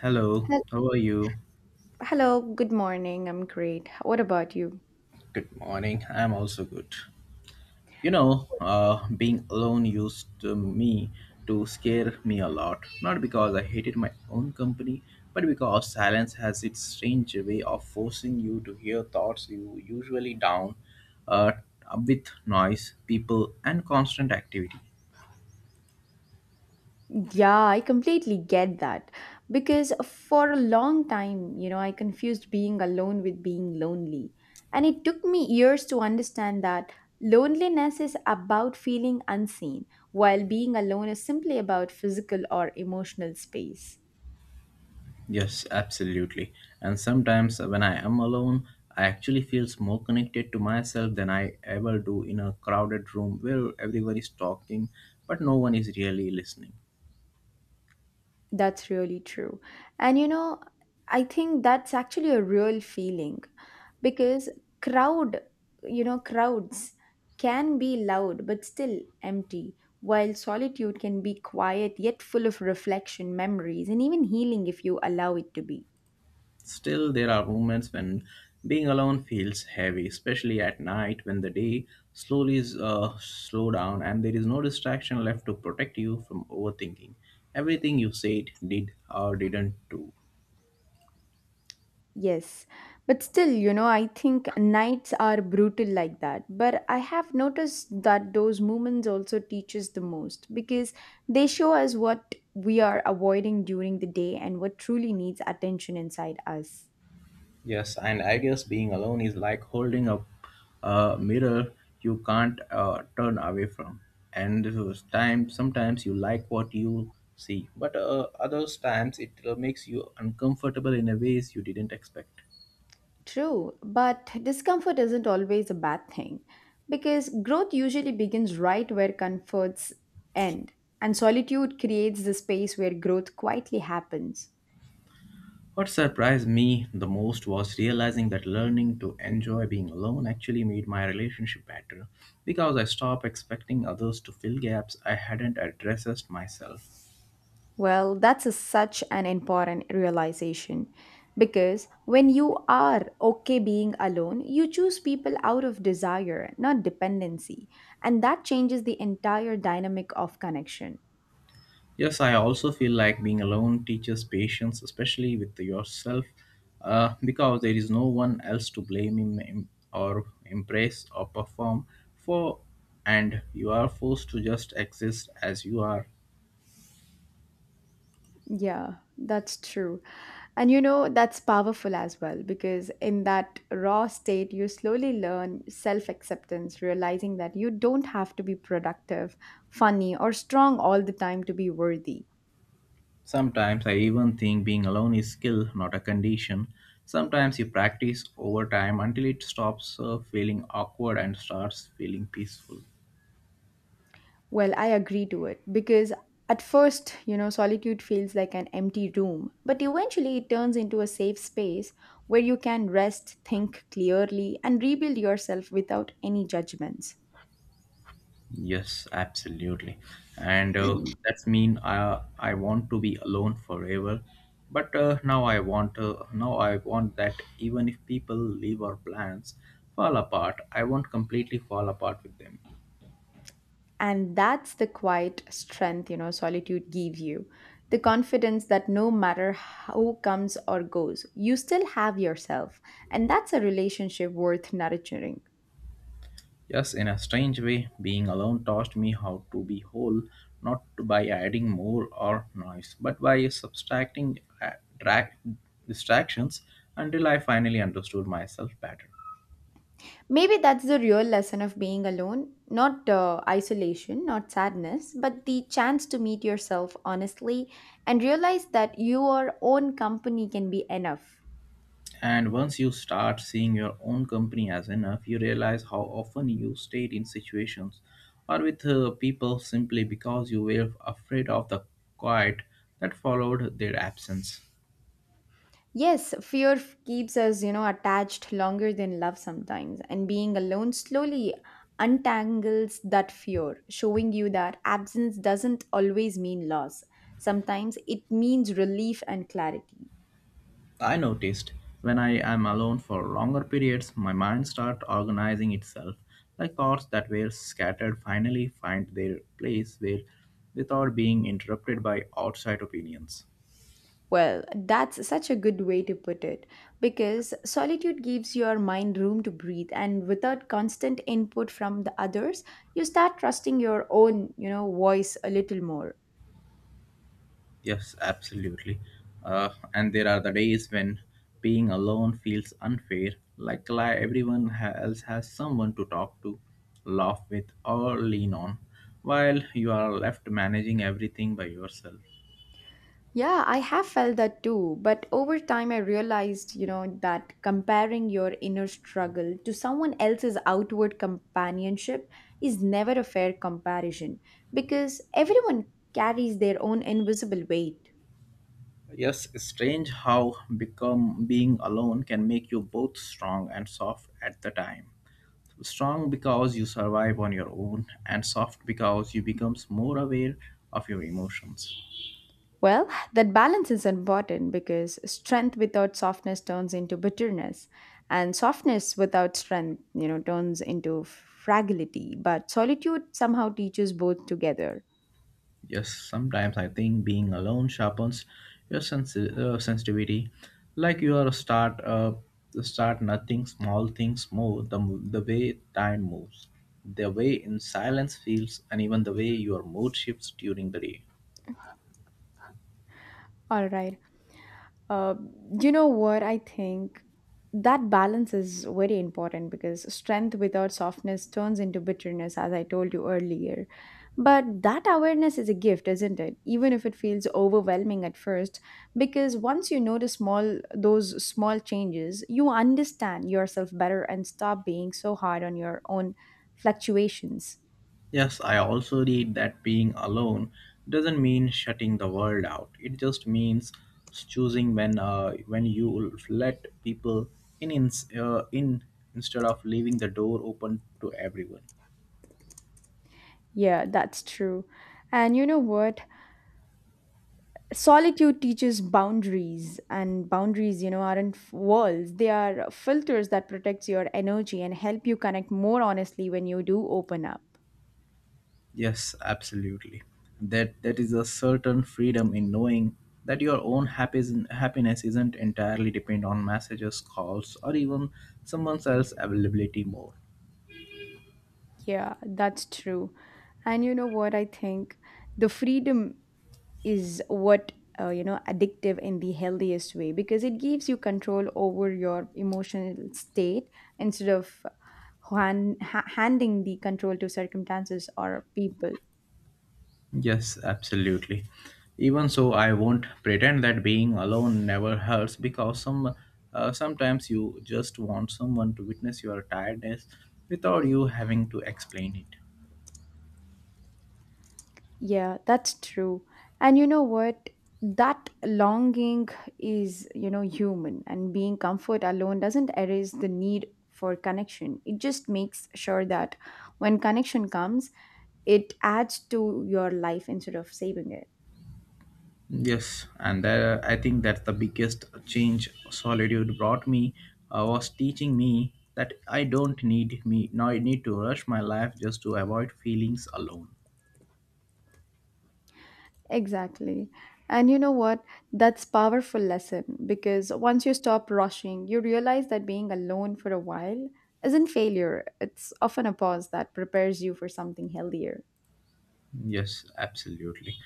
Hello, Hel- how are you? Hello, good morning. I'm great. What about you? Good morning. I'm also good. You know, being alone used to me to scare me a lot. Not because I hated my own company, but because silence has its strange way of forcing you to hear thoughts you usually down uh, with noise, people, and constant activity. Yeah, I completely get that. Because for a long time, you know, I confused being alone with being lonely. And it took me years to understand that loneliness is about feeling unseen, while being alone is simply about physical or emotional space. Yes, absolutely. And sometimes when I am alone, I actually feels more connected to myself than I ever do in a crowded room where everyone is talking but no one is really listening. That's really true. And you know, I think that's actually a real feeling because crowd, you know, crowds can be loud but still empty, while solitude can be quiet yet full of reflection, memories, and even healing if you allow it to be. Still, there are moments when being alone feels heavy, especially at night when the day slowly is slow down and there is no distraction left to protect you from overthinking. Everything you said, did, or didn't do. Yes, but still, you know, I think nights are brutal like that. But I have noticed that those moments also teach us the most because they show us what we are avoiding during the day and what truly needs attention inside us. Yes, and I guess being alone is like holding up a mirror you can't turn away from. And those time, sometimes you like what you see, but others times it makes you uncomfortable in a ways you didn't expect. True, but discomfort isn't always a bad thing because growth usually begins right where comforts end, and solitude creates the space where growth quietly happens. What surprised me the most was realizing that learning to enjoy being alone actually made my relationship better because I stopped expecting others to fill gaps I hadn't addressed myself. Well, such an important realization because when you are okay being alone, you choose people out of desire, not dependency. And that changes the entire dynamic of connection. Yes, I also feel like being alone teaches patience, especially with yourself, because there is no one else to blame or impress or perform for, and you are forced to just exist as you are. Yeah, that's true. And you know, that's powerful as well because in that raw state, you slowly learn self acceptance, realizing that you don't have to be productive, funny, or strong all the time to be worthy. Sometimes I even think being alone is skill, not a condition. Sometimes you practice over time until it stops feeling awkward and starts feeling peaceful. Well, I agree to it because at first, you know, solitude feels like an empty room, but eventually it turns into a safe space where you can rest, think clearly, and rebuild yourself without any judgments. Yes, absolutely. And that's mean I want to be alone forever. But now I want that even if people leave our plans fall apart, I won't completely fall apart with them. And that's the quiet strength, you know, solitude gives you. The confidence that no matter how comes or goes, you still have yourself. And that's a relationship worth nurturing. Yes, in a strange way, being alone taught me how to be whole, not by adding more or noise, but by subtracting dra- distractions until I finally understood myself better. Maybe that's the real lesson of being alone not isolation, not sadness, but the chance to meet yourself honestly and realize that your own company can be enough. And once you start seeing your own company as enough, you realize how often you stayed in situations or with people simply because you were afraid of the quiet that followed their absence. Yes, fear keeps us, you know, attached longer than love sometimes, and being alone slowly untangles that fear, showing you that absence doesn't always mean loss. Sometimes it means relief and clarity. I noticed when I am alone for longer periods, my mind starts organizing itself, like thoughts that were scattered finally find their place where, without being interrupted by outside opinions. Well, that's such a good way to put it because solitude gives your mind room to breathe and without constant input from the others, you start trusting your own, you know, voice a little more. Yes, absolutely. And there are the days when being alone feels unfair, like everyone else has someone to talk to, laugh with, or lean on, while you are left managing everything by yourself. Yeah, I have felt that too, but over time I realized, you know, that comparing your inner struggle to someone else's outward companionship is never a fair comparison because everyone carries their own invisible weight. Yes, it's strange how become being alone can make you both strong and soft at the time. Strong because you survive on your own, and soft because you becomes more aware of your emotions. Well, that balance is important because strength without softness turns into bitterness, and softness without strength, you know, turns into fragility. But solitude somehow teaches both together. Yes, sometimes I think being alone sharpens your sensitivity. Like you are start start nothing, small things move. The way time moves, the way in silence feels, and even the way your mood shifts during the day. All right. Uh, you know what? I think that balance is very important because strength without softness turns into bitterness, as I told you earlier. But that awareness is a gift, isn't it? Even if it feels overwhelming at first, because once you notice small those small changes, you understand yourself better and stop being so hard on your own fluctuations. Yes, I also read that being alone doesn't mean shutting the world out. It just means choosing when you let people in, in, in instead of leaving the door open to everyone. Yeah, that's true. And you know what? Solitude teaches boundaries, and boundaries, you know, aren't f- walls. They are filters that protects your energy and help you connect more honestly when you do open up. Yes, absolutely. That that is a certain freedom in knowing that your own happiness isn't entirely dependent on messages, calls, or even someone else's availability more. Yeah, that's true. And you know what I think the freedom is what, you know, addictive in the healthiest way because it gives you control over your emotional state instead of handing the control to circumstances or people. Yes, absolutely. Even so, I won't pretend that being alone never hurts because sometimes you just want someone to witness your tiredness without you having to explain it. Yeah, that's true. And you know what? That longing is, you know, human, and being comfort alone doesn't erase the need for connection. It just makes sure that when connection comes, it adds to your life instead of saving it. Yes, and I think that's the biggest change solitude brought me was teaching me that I don't need me now I need to rush my life just to avoid feelings alone. Exactly. And you know what? That's powerful lesson because once you stop rushing, you realize that being alone for a while isn't failure. It's often a pause that prepares you for something healthier. Yes, absolutely.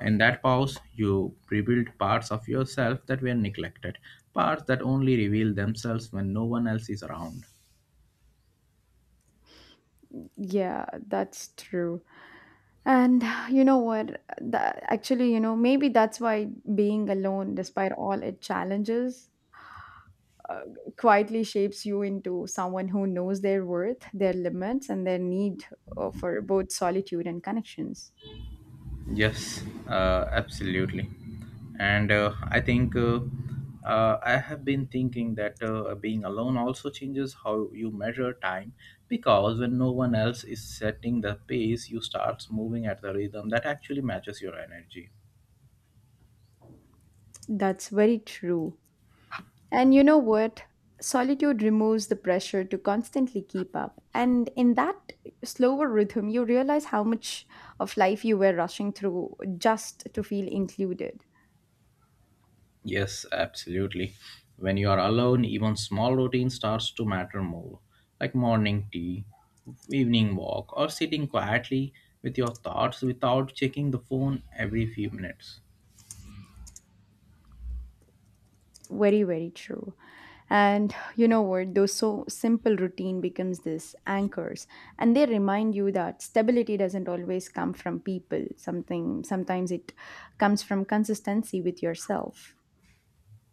In that pause, you rebuild parts of yourself that were neglected, parts that only reveal themselves when no one else is around. Yeah, that's true. And you know what? That, actually, you know, maybe that's why being alone, despite all its challenges, uh, quietly shapes you into someone who knows their worth, their limits, and their need for both solitude and connections. Yes, absolutely. And I have been thinking that being alone also changes how you measure time because when no one else is setting the pace, you start moving at the rhythm that actually matches your energy. That's very true. And you know what? Solitude removes the pressure to constantly keep up. And in that slower rhythm, you realize how much of life you were rushing through just to feel included. Yes, absolutely. When you are alone, even small routine starts to matter more, like morning tea, evening walk, or sitting quietly with your thoughts without checking the phone every few minutes. Very very true. And you know what, those so simple routine becomes this anchors, and they remind you that stability doesn't always come from people, something sometimes it comes from consistency with yourself.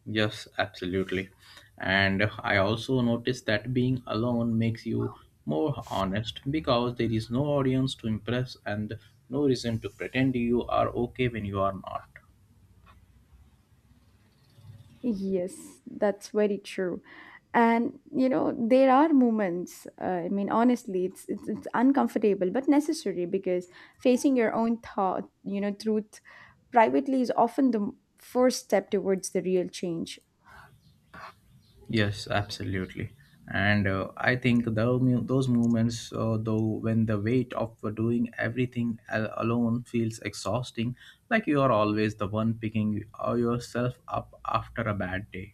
Yes, absolutely. And I also noticed that being alone makes you more honest because there is no audience to impress and no reason to pretend you are okay when you are not. Yes, that's very true. And you know there are moments, I mean, honestly, it's uncomfortable but necessary because facing your own thought, you know, truth privately is often the first step towards the real change. Yes, absolutely. And I think tho- mu- those moments, though, when the weight of doing everything alone feels exhausting, like you are always the one picking yourself up after a bad day.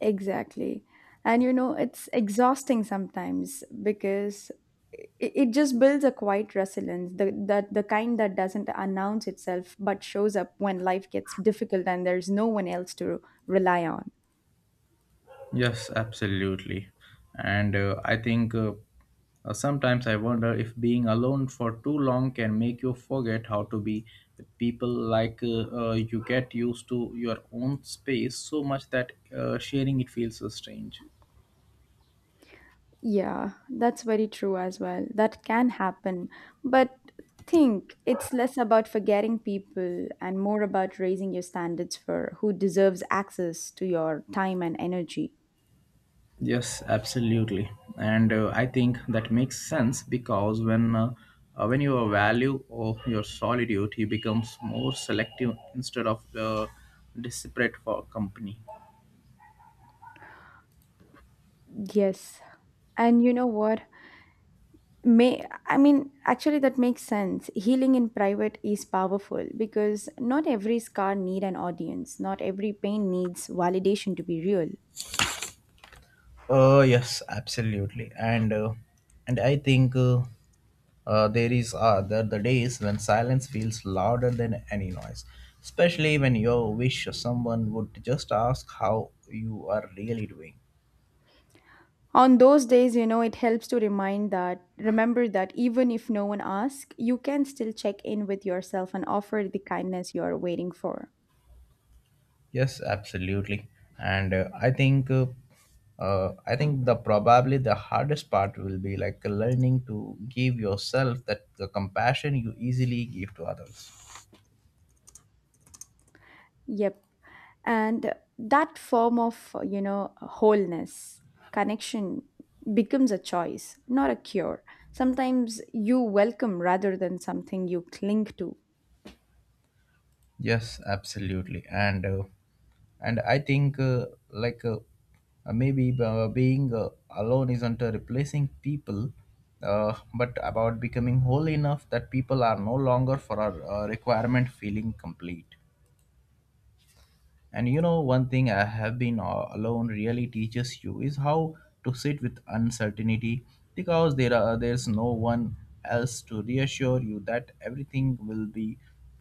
Exactly. And you know, it's exhausting sometimes because it, it just builds a quiet resilience, the, that the kind that doesn't announce itself but shows up when life gets difficult and there's no one else to rely on. Yes, absolutely. And I think sometimes I wonder if being alone for too long can make you forget how to be with people. Like you get used to your own space so much that sharing it feels so strange. Yeah, that's very true as well. That can happen. But think it's less about forgetting people and more about raising your standards for who deserves access to your time and energy. Yes, absolutely. And I think that makes sense because when you value of your solitude, you becomes more selective instead of desperate for company. Yes. And you know what? May I mean, actually, that makes sense. Healing in private is powerful because not every scar need an audience. Not every pain needs validation to be real. Yes, absolutely, and I think there is the days when silence feels louder than any noise, especially when you wish someone would just ask how you are really doing. On those days, you know, it helps to remind that remember that even if no one asks, you can still check in with yourself and offer the kindness you are waiting for. Yes, absolutely, and I think the probably the hardest part will be like learning to give yourself that the compassion you easily give to others. Yep. And that form of, you know, wholeness connection becomes a choice, not a cure, sometimes you welcome rather than something you cling to. Yes, absolutely, and I think like maybe being alone isn't replacing people, but about becoming whole enough that people are no longer for our requirement feeling complete. And you know, one thing I have been alone really teaches you is how to sit with uncertainty because there's no one else to reassure you that everything will be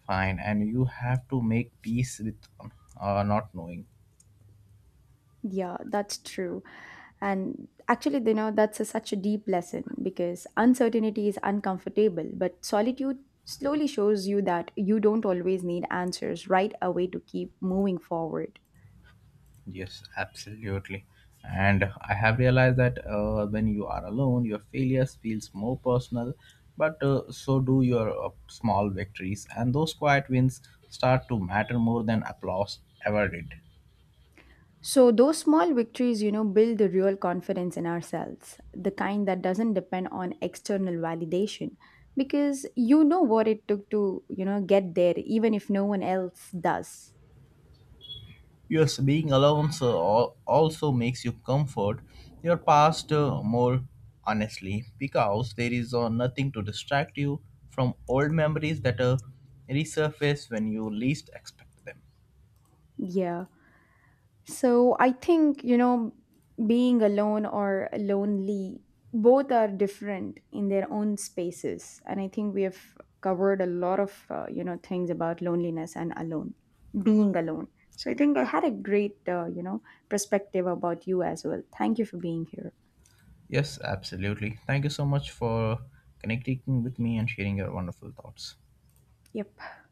fine and you have to make peace with not knowing. Yeah, that's true. And actually, you know, such a deep lesson because uncertainty is uncomfortable but solitude slowly shows you that you don't always need answers right away to keep moving forward. Yes, absolutely. And I have realized that when you are alone, your failures feels more personal, but so do your small victories and those quiet wins start to matter more than applause ever did. So, those small victories, you know, build the real confidence in ourselves, the kind that doesn't depend on external validation, because you know what it took to, you know, get there, even if no one else does. Yes, being alone also makes you comfort your past more honestly because there is nothing to distract you from old memories that resurface when you least expect them. Yeah. So I think, you know, being alone or lonely, both are different in their own spaces. And I think we have covered a lot of, you know, things about loneliness and alone, being alone. So I think I had a great, you know, perspective about you as well. Thank you for being here. Yes, absolutely. Thank you so much for connecting with me and sharing your wonderful thoughts. Yep.